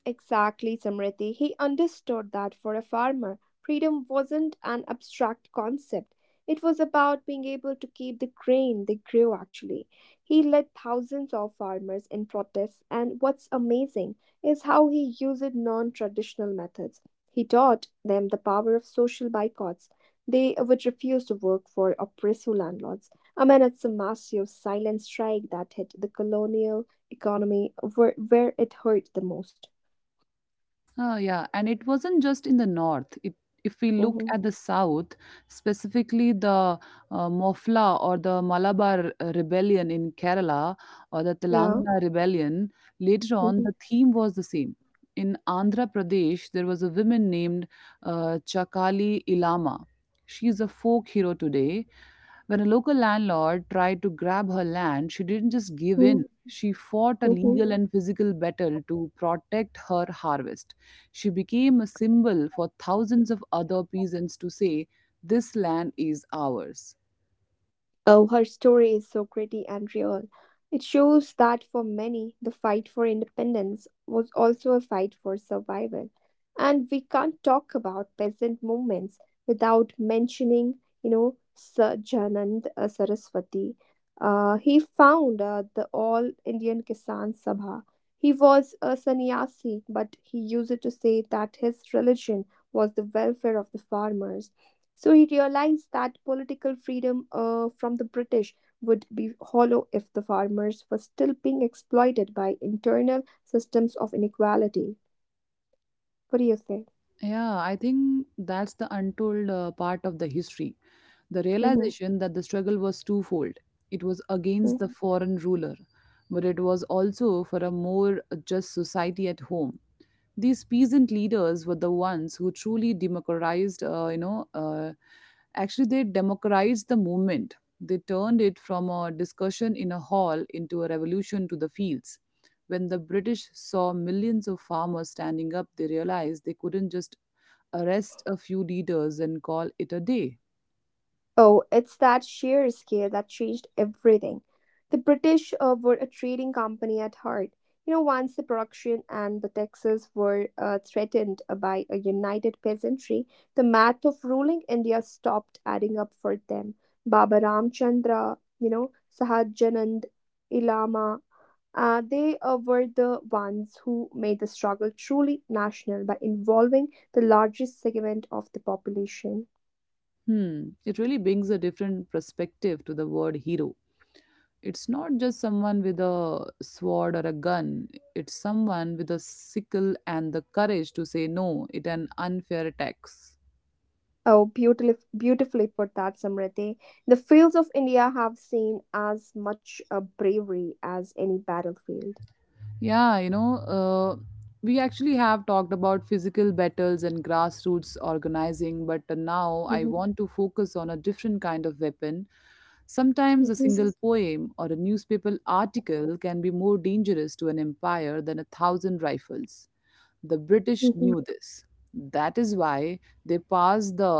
Exactly, Samriti. He understood that for a farmer, freedom wasn't an abstract concept. It was about being able to keep the grain they grew actually. He led thousands of farmers in protests, and what's amazing is how he used non traditional methods. He taught them the power of social boycotts. They would refuse to work for oppressive landlords. I mean, it's a massive silent strike that hit the colonial economy where it hurt the most. Oh, yeah. And it wasn't just in the north. If we look Hmm. at the south, specifically the Mofla or the Malabar rebellion in Kerala, or the Yeah. Telangana rebellion, later on the theme was the same. In Andhra Pradesh, there was a woman named Chakali Ilama. She is a folk hero today. When a local landlord tried to grab her land, she didn't just give Hmm. in. She fought a legal and physical battle to protect her harvest. She became a symbol for thousands of other peasants to say, "This land is ours." Oh, her story is so gritty and real. It shows that for many, the fight for independence was also a fight for survival. And we can't talk about peasant movements without mentioning, Sir Janand Saraswati. He found the All Indian Kisan Sabha. He was a sannyasi, but he used to say that his religion was the welfare of the farmers. So he realized that political freedom from the British would be hollow if the farmers were still being exploited by internal systems of inequality. What do you say? Yeah, I think that's the untold part of the history. The Mm-hmm, mm-hmm. realization that the struggle was twofold: it was against the foreign ruler, but it was also for a more just society at home. These peasant leaders were the ones who truly democratized, you know, actually, they democratized the movement. They turned it from a discussion in a hall into a revolution to the fields. When the British saw millions of farmers standing up, they realized they couldn't just arrest a few leaders and call it a day. Oh, it's that sheer scale that changed everything. The British were a trading company at heart. You know, once the production and the taxes were threatened by a united peasantry, the math of ruling India stopped adding up for them. Baba Ramchandra, you know, Sahajanand, Ilama, they were the ones who made the struggle truly national by involving the largest segment of the population. Hmm, it really brings a different perspective to the word hero. It's not just someone with a sword or a gun, it's someone with a sickle and the courage to say no it an unfair attacks. Oh, beautifully put that, Samriti. The fields of India have seen as much bravery as any battlefield. yeah you know uh, we actually have talked about physical battles and grassroots organizing, but now I Mhm. want to focus on a different kind of weapon. Sometimes a Mhm. single poem or a newspaper article can be more dangerous to an empire than a thousand rifles. The British Mhm. knew this. That is why they passed the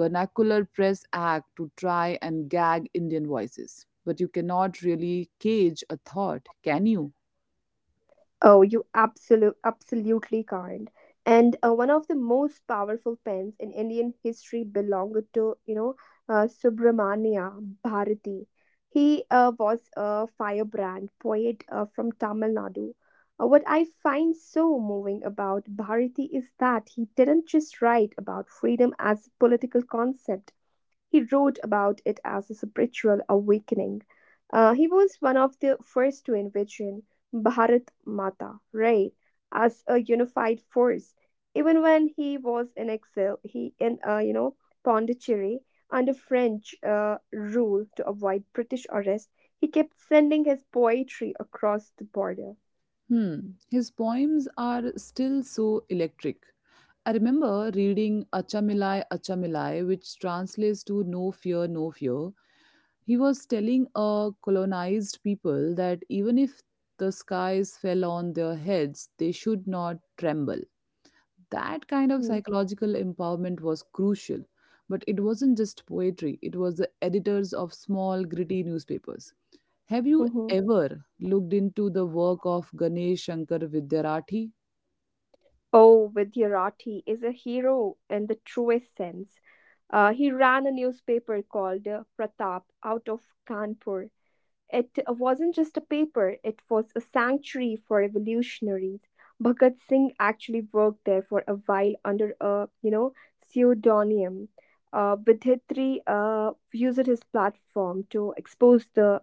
Vernacular Press Act to try and gag Indian voices. But you cannot really cage a thought, can you? Oh, absolutely can't. And one of the most powerful pens in Indian history belonged to, you know, Subramania Bharati. He was a firebrand poet from Tamil Nadu. What I find so moving about Bharati is that he didn't just write about freedom as a political concept. He wrote about it as a spiritual awakening. He was one of the first to envision Bharat Mata, right, as a unified force. Even when he was in exile, he in you know Pondicherry under French rule to avoid British arrest, he kept sending his poetry across the border. Hmm. His poems are still so electric. I remember reading Achamilai Achamilai, which translates to No Fear, No Fear. He was telling a colonized people that even if the skies fell on their heads, they should not tremble. That kind of Mm, psychological empowerment was crucial. But it wasn't just poetry, it was the editors of small, gritty newspapers. Have you mhm. ever looked into the work of Ganesh Shankar Vidyarathi? Oh, Vidyarati is a hero in the truest sense. He ran a newspaper called Pratap out of Kanpur. It wasn't just a paper, it was a sanctuary for revolutionaries. Bhagat Singh actually worked there for a while under a, you know, pseudonym. Vidhitri used his platform to expose the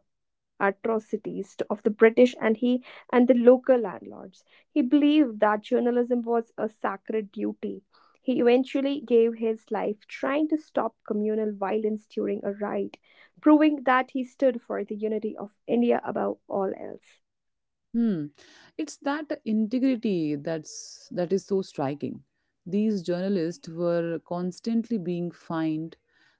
of the British and he and the local landlords. He believed that journalism was a sacred duty. He eventually gave his life trying to stop communal violence during a riot, proving that he stood for the unity of India above all else. Hmm. It's that integrity that is so striking. These journalists were constantly being fined.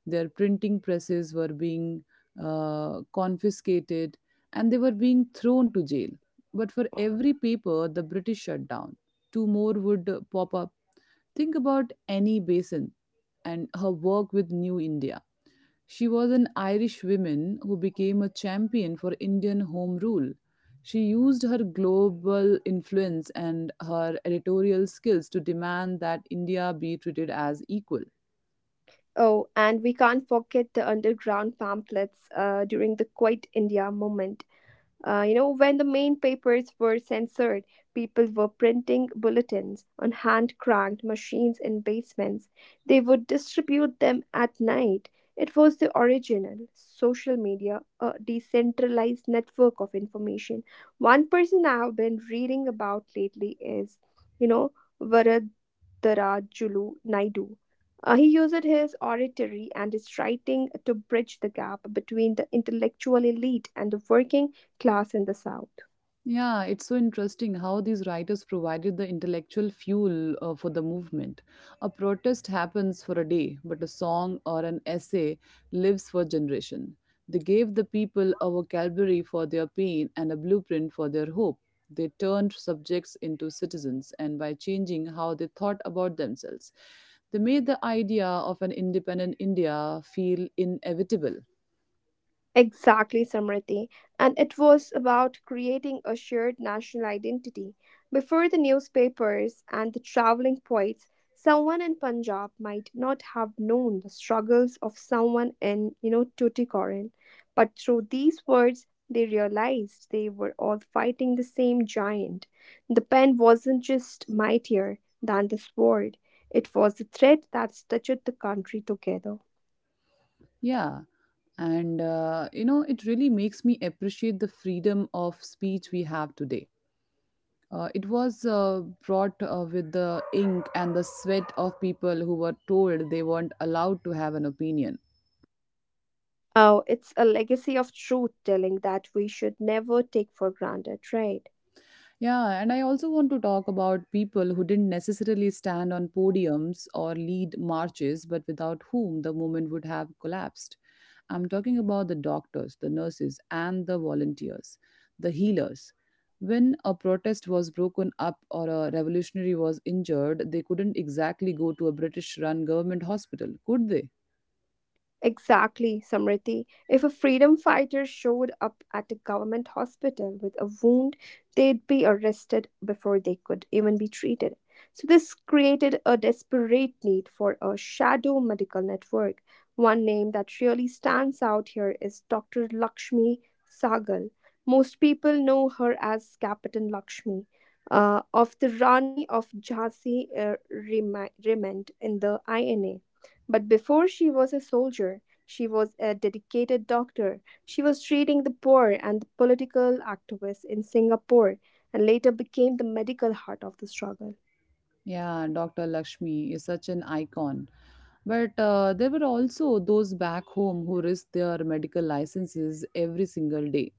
Their printing presses were being confiscated, and they were being thrown to jail. But for every paper, the British shut down. Two more would pop up. Think about Annie Basin and her work with New India. She was an Irish woman who became a champion for Indian home rule. She used her global influence and her editorial skills to demand that India be treated as equal. Oh, and we can't forget the underground pamphlets during the Quit India movement. You know, when the main papers were censored, people were printing bulletins on hand cranked machines in basements. They would distribute them at night. It was the original social media, a decentralized network of information. One person I have been reading about lately is, you know, Varadarajulu Naidu. He used his oratory and his writing to bridge the gap between the intellectual elite and the working class in the South. Yeah, it's so interesting how these writers provided the intellectual fuel for the movement. A protest happens for a day, but a song or an essay lives for generation. They gave the people a vocabulary for their pain and a blueprint for their hope. They turned subjects into citizens, and by changing how they thought about themselves, they made the idea of an independent India feel inevitable. Exactly, Samriti. And it was about creating a shared national identity. Before the newspapers and the traveling poets, someone in Punjab might not have known the struggles of someone in, you know, Tuticorin. But through these words, they realized they were all fighting the same giant. The pen wasn't just mightier than the sword, it was the thread that stitched the country together. Yeah. It really makes me appreciate the freedom of speech we have today. It was brought with the ink and the sweat of people who were told they weren't allowed to have an opinion. Oh, it's a legacy of truth telling that we should never take for granted, right? Yeah, and I also want to talk about people who didn't necessarily stand on podiums or lead marches, but without whom the movement would have collapsed. I'm talking about the doctors, the nurses, and the volunteers, the healers. When a protest was broken up or a revolutionary was injured, they couldn't exactly go to a British run government hospital, could they? Exactly, Samriti. If a freedom fighter showed up at a government hospital with a wound, they'd be arrested before they could even be treated. So, this created a desperate need for a shadow medical network. One name that really stands out here is Dr. Lakshmi Sagal. Most people know her as Captain Lakshmi, of the Rani of Jhansi Remand in the INA. But before she was a soldier, she was a dedicated doctor. She was treating the poor and the political activists in Singapore and later became the medical heart of the struggle. Yeah, Dr. Lakshmi is such an icon. But there were also those back home who risked their medical licenses every single day.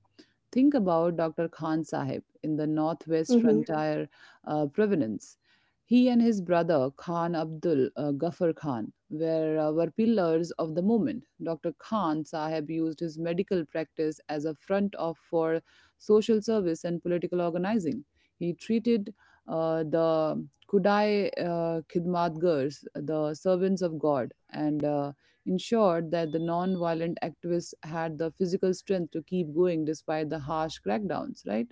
Think about Dr. Khan Sahib in the northwest Mm-hmm. frontier provenance. He and his brother Khan Abdul Ghaffar Khan were pillars of the movement. Dr. Khan Sahib used his medical practice as a front of for social service and political organizing. He treated the Kudai Khidmatgars, the servants of God, and ensured that the non-violent activists had the physical strength to keep going despite the harsh crackdowns, right?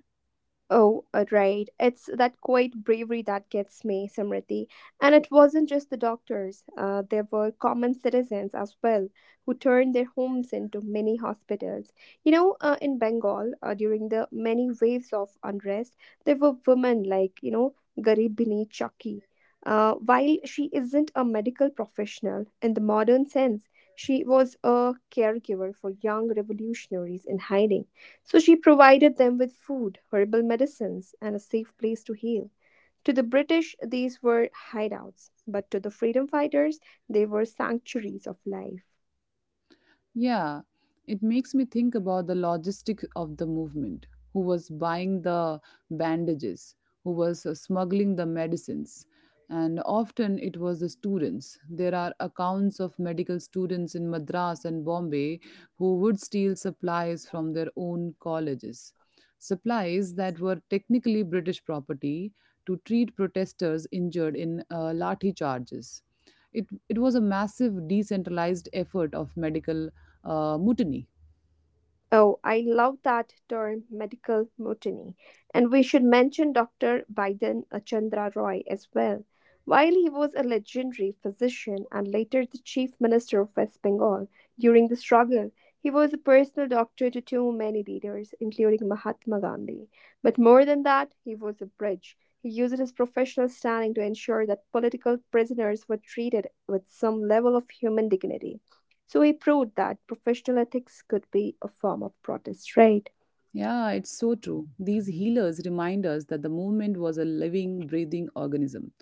Oh, right. It's that quiet bravery that gets me, Samriti. And it wasn't just the doctors, there were common citizens as well who turned their homes into mini hospitals. You know, in Bengal, during the many waves of unrest, there were women like, you know, Garibini Chaki. While she isn't a medical professional in the modern sense, she was a caregiver for young revolutionaries in hiding. So she provided them with food, herbal medicines, and a safe place to heal. To the British, these were hideouts, but to the freedom fighters, they were sanctuaries of life. Yeah, it makes me think about the logistics of the movement. Who was buying the bandages? Who was smuggling the medicines? And often it was the students. There are accounts of medical students in Madras and Bombay who would steal supplies from their own colleges. Supplies that were technically British property to treat protesters injured in lathi charges. It was a massive decentralized effort of medical mutiny. Oh, I love that term, medical mutiny. And we should mention Dr. Biden Chandra Roy as well. While he was a legendary physician and later the chief minister of West Bengal during the struggle, he was a personal doctor to too many leaders, including Mahatma Gandhi. But more than that, he was a bridge. He used his professional standing to ensure that political prisoners were treated with some level of human dignity. So he proved that professional ethics could be a form of protest, right? Yeah, it's so true. These healers remind us that the movement was a living, breathing organism.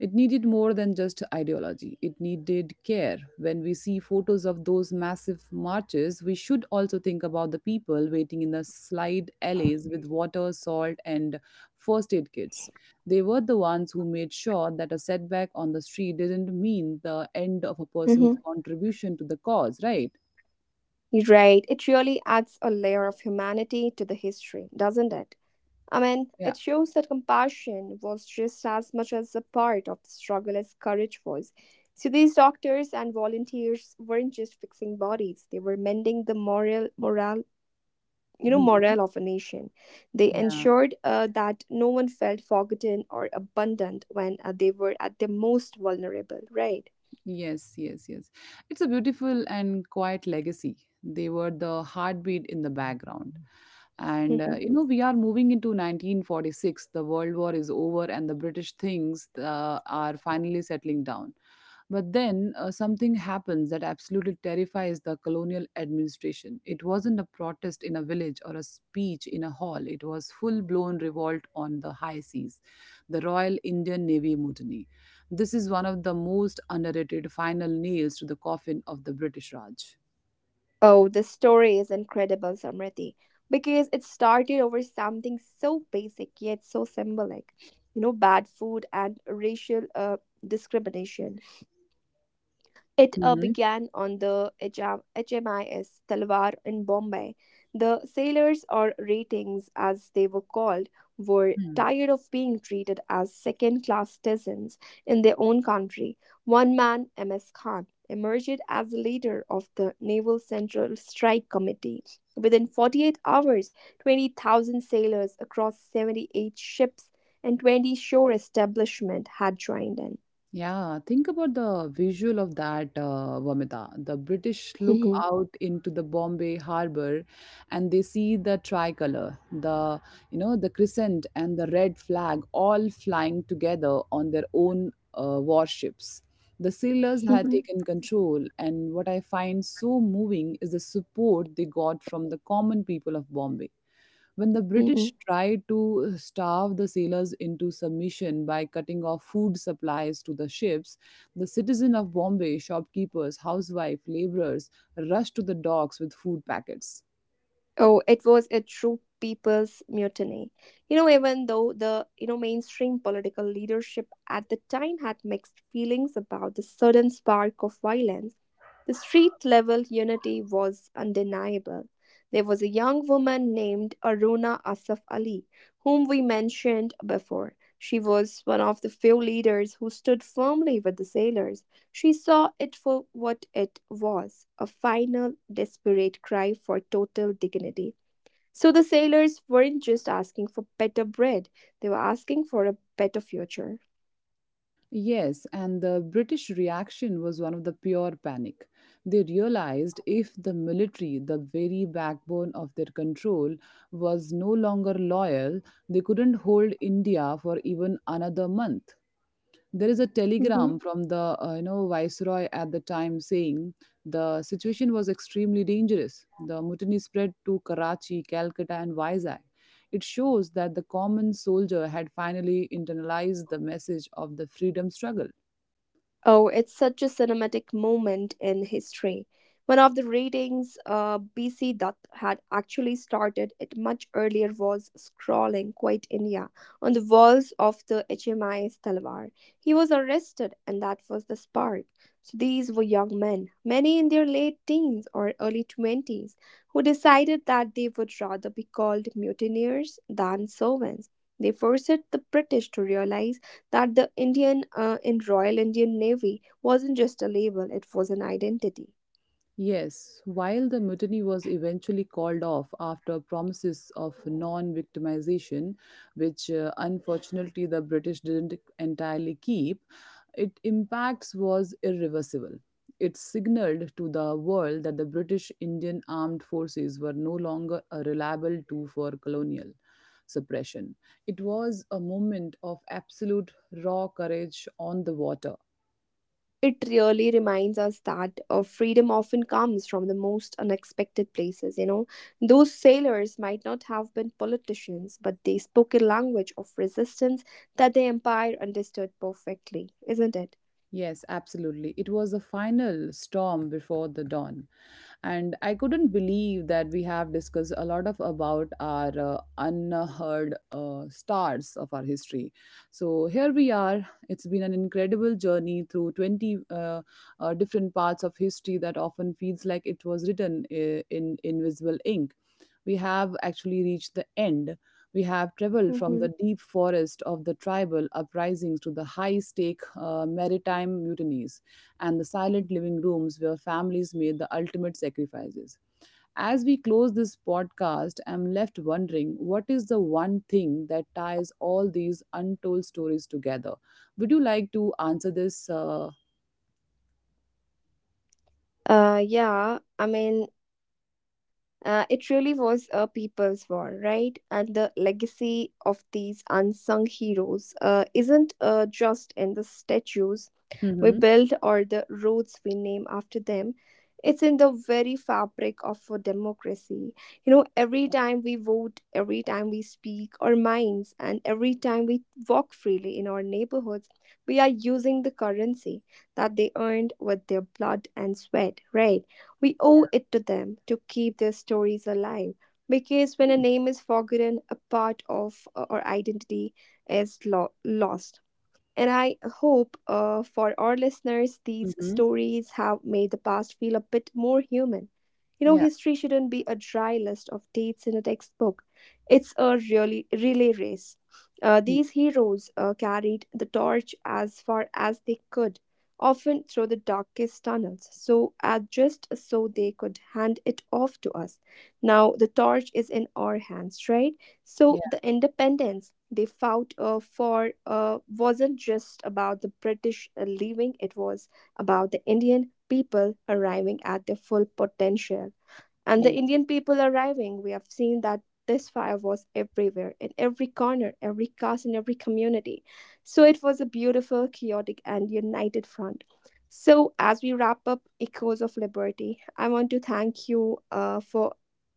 It needed more than just ideology, it needed care. When we see photos of those massive marches, we should also think about the people waiting in the slide alleys with water, salt, and first aid kits. They were the ones who made sure that a setback on the street didn't mean the end of a person's Mm-hmm. contribution to the cause, right? Right. It really adds a layer of humanity to the history, doesn't it? I mean, Yeah. it shows that compassion was just as much as a part of the struggle as courage was. So these doctors and volunteers weren't just fixing bodies; they were mending morale, you know, Mhm. morale of a nation. They Yeah. ensured that no one felt forgotten or abandoned when they were at their most vulnerable. Right. Yes, yes, yes. It's a beautiful and quiet legacy. They were the heartbeat in the background. (laughs) We are moving into 1946. The World War is over, and the British things are finally settling down. But then something happens that absolutely terrifies the colonial administration. It wasn't a protest in a village or a speech in a hall, it was full blown revolt on the high seas, the Royal Indian Navy Mutiny. This is one of the most underrated final nails to the coffin of the British Raj. Oh, the story is incredible, Samriti, because it started over something so basic yet so symbolic. You know, bad food and racial discrimination. It Mhm. began on the HMIS Talwar in Bombay. The sailors, or ratings as they were called, were tired of being treated as second class citizens in their own country. One man, M.S. Khan, emerged as the leader of the Naval Central Strike Committee. Within 48 hours, 20,000 sailors across 78 ships and 20 shore establishments had joined Yeah, think about the visual of that Vamita. The British look in. out into the Bombay harbor and they see the tricolor, the the crescent and the red flag all flying together on their own warships. The sailors had taken control, and what I find so moving is the support they got from the common people of Bombay. When the British (laughs) tried to starve the sailors into submission by cutting off food supplies to the ships, the citizens of Bombay, shopkeepers, housewives, laborers, rushed to the docks with food packets. Oh, it was a true people's mutiny. You know, even though the mainstream political leadership at the time had mixed feelings about the sudden spark of violence, the street level unity was undeniable. There was a young woman named Aruna Asaf Ali, whom we mentioned before. She was one of the few leaders who stood firmly with the sailors. She saw it for what it was, a final, desperate cry for total dignity. So the sailors weren't just asking for better bread, they were asking for a better future. Yes, and the British reaction was one of the pure panic. They realized if the military, the very backbone of their control, was no longer loyal, they couldn't hold India for even another month. There is a Mm-hmm. telegram from the viceroy at the time saying the situation was extremely dangerous. The mutiny spread to Karachi, Calcutta, and Vizag. It shows that the common soldier had finally internalized the message of the freedom struggle. Oh, it's such a cinematic moment in history. One of the readings BC that had actually started it much earlier was scrawling quite India on the walls of the HMI's Talwar. He was arrested, and that was the spark. So these were young men, many in their late teens or early 20s, who decided that they would rather be called mutineers than servants. They forced the British to realize that the Indian in Royal Indian Navy wasn't just a label, it was an identity. Yes, while the mutiny was eventually called off after promises of non victimization, which unfortunately the British didn't entirely keep, its impacts was irreversible. It signaled to the world that the British Indian armed forces were no longer a reliable tool for colonial suppression. It was a moment of absolute raw courage on the water. It really reminds us that freedom often comes from the most unexpected places. You know, those sailors might not have been politicians, but they spoke a language of resistance that the empire understood perfectly, isn't it? Yes, absolutely. It was the final storm before the dawn. And I couldn't believe that we have discussed a lot of about our unheard stars of our history. So here we are. It's been an incredible journey through 20 different parts of history that often feels like it was written in invisible ink. We have actually reached the end. We have traveled from Hmm. the deep forest of the tribal uprisings to the high stake maritime mutinies and the silent living rooms where families made the ultimate sacrifices. As we close this podcast, I'm left wondering, what is the one thing that ties all these untold stories together? Would you like to answer this? Yeah, I mean, it really was a people's war, right? And the legacy of these unsung heroes isn't just in the statues we Hmm build or the roads we name after them. It's in the very fabric of our democracy. You know, every time we vote, every time we speak our minds, and every time we walk freely in our neighborhoods, we are using the currency that they earned with their blood and sweat, right? We owe it to them to keep their stories alive, because when a name is forgotten, a part of our identity is lost. And I hope for our listeners, these hmm. stories have made the past feel a bit more human. You know, Yeah. history shouldn't be a dry list of dates in a textbook. It's a really relay race. Mm. These heroes carried the torch as far as they could, often through the darkest tunnels, so just so they could hand it off to us. Now the torch is in our hands, right? So Yeah. the independence they fought for wasn't just about the British leaving, it was about the Indian people arriving at their full potential. And the Yeah. Indian people arriving, we have seen that this fire was everywhere, in every corner, every caste, in every community. So it was a beautiful, chaotic, and united front. So as we wrap up Echoes of Liberty,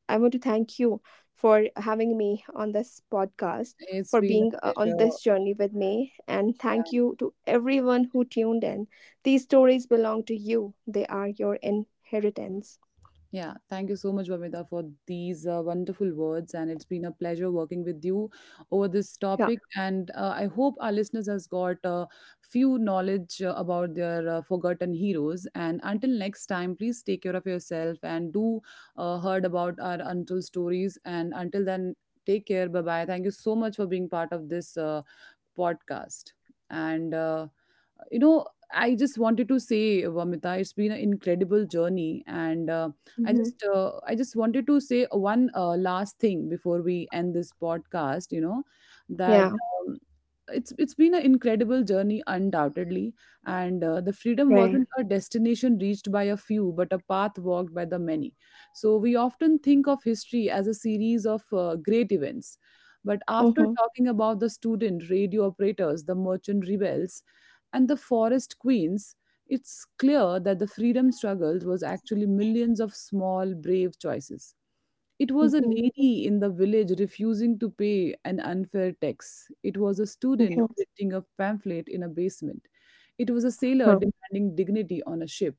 I want to thank you for having me on this podcast, It's for been a being on pleasure. this journey with me, and thank Yeah. you to everyone who tuned in. These stories belong to you; they are your inheritance. Yeah, thank you so much, Vamita, for these wonderful words. And it's been a pleasure working with you over this Yeah. topic. And I hope our listeners has got a few knowledge about their forgotten heroes. And until next time, please take care of yourself and do heard about our untold stories. And until then, take care. Bye bye. Thank you so much for being part of this podcast. And you know I just wanted to say, Vamita, it's been an incredible journey. And I Mhm. just I just wanted to say one last thing before we end this podcast, you know that Yeah, it's been an incredible journey undoubtedly. And The freedom right. wasn't a destination reached by a few, but a path walked by the many. So we often think of history as a series of great events, but after Mhm, talking about the student radio operators, the merchant rebels, and the forest queens, it's clear that the freedom struggle was actually millions of small brave choices. It was a mhm, lady in the village refusing to pay an unfair tax. It was a student mhm, printing a pamphlet in a basement. It was a sailor huh, demanding dignity on a ship.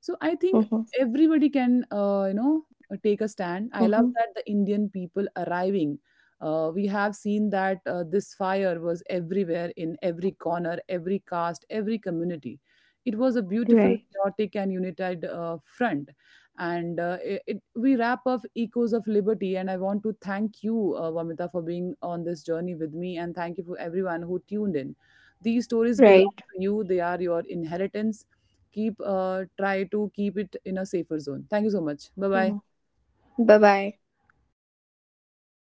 So I think mhm, everybody can, take a stand. I love mhm. that the Indian people arriving. We have seen that this fire was everywhere, in every corner, every caste, every community. It was a beautiful, Right, chaotic, and united front. We wrap up Echoes of Liberty. And I want to thank you, Vamita, for being on this journey with me. And thank you for everyone who tuned in. These stories belong right. to you, they are your inheritance. Keep try to keep it in a safer zone. Thank you so much. Bye bye. Mhm. Bye bye.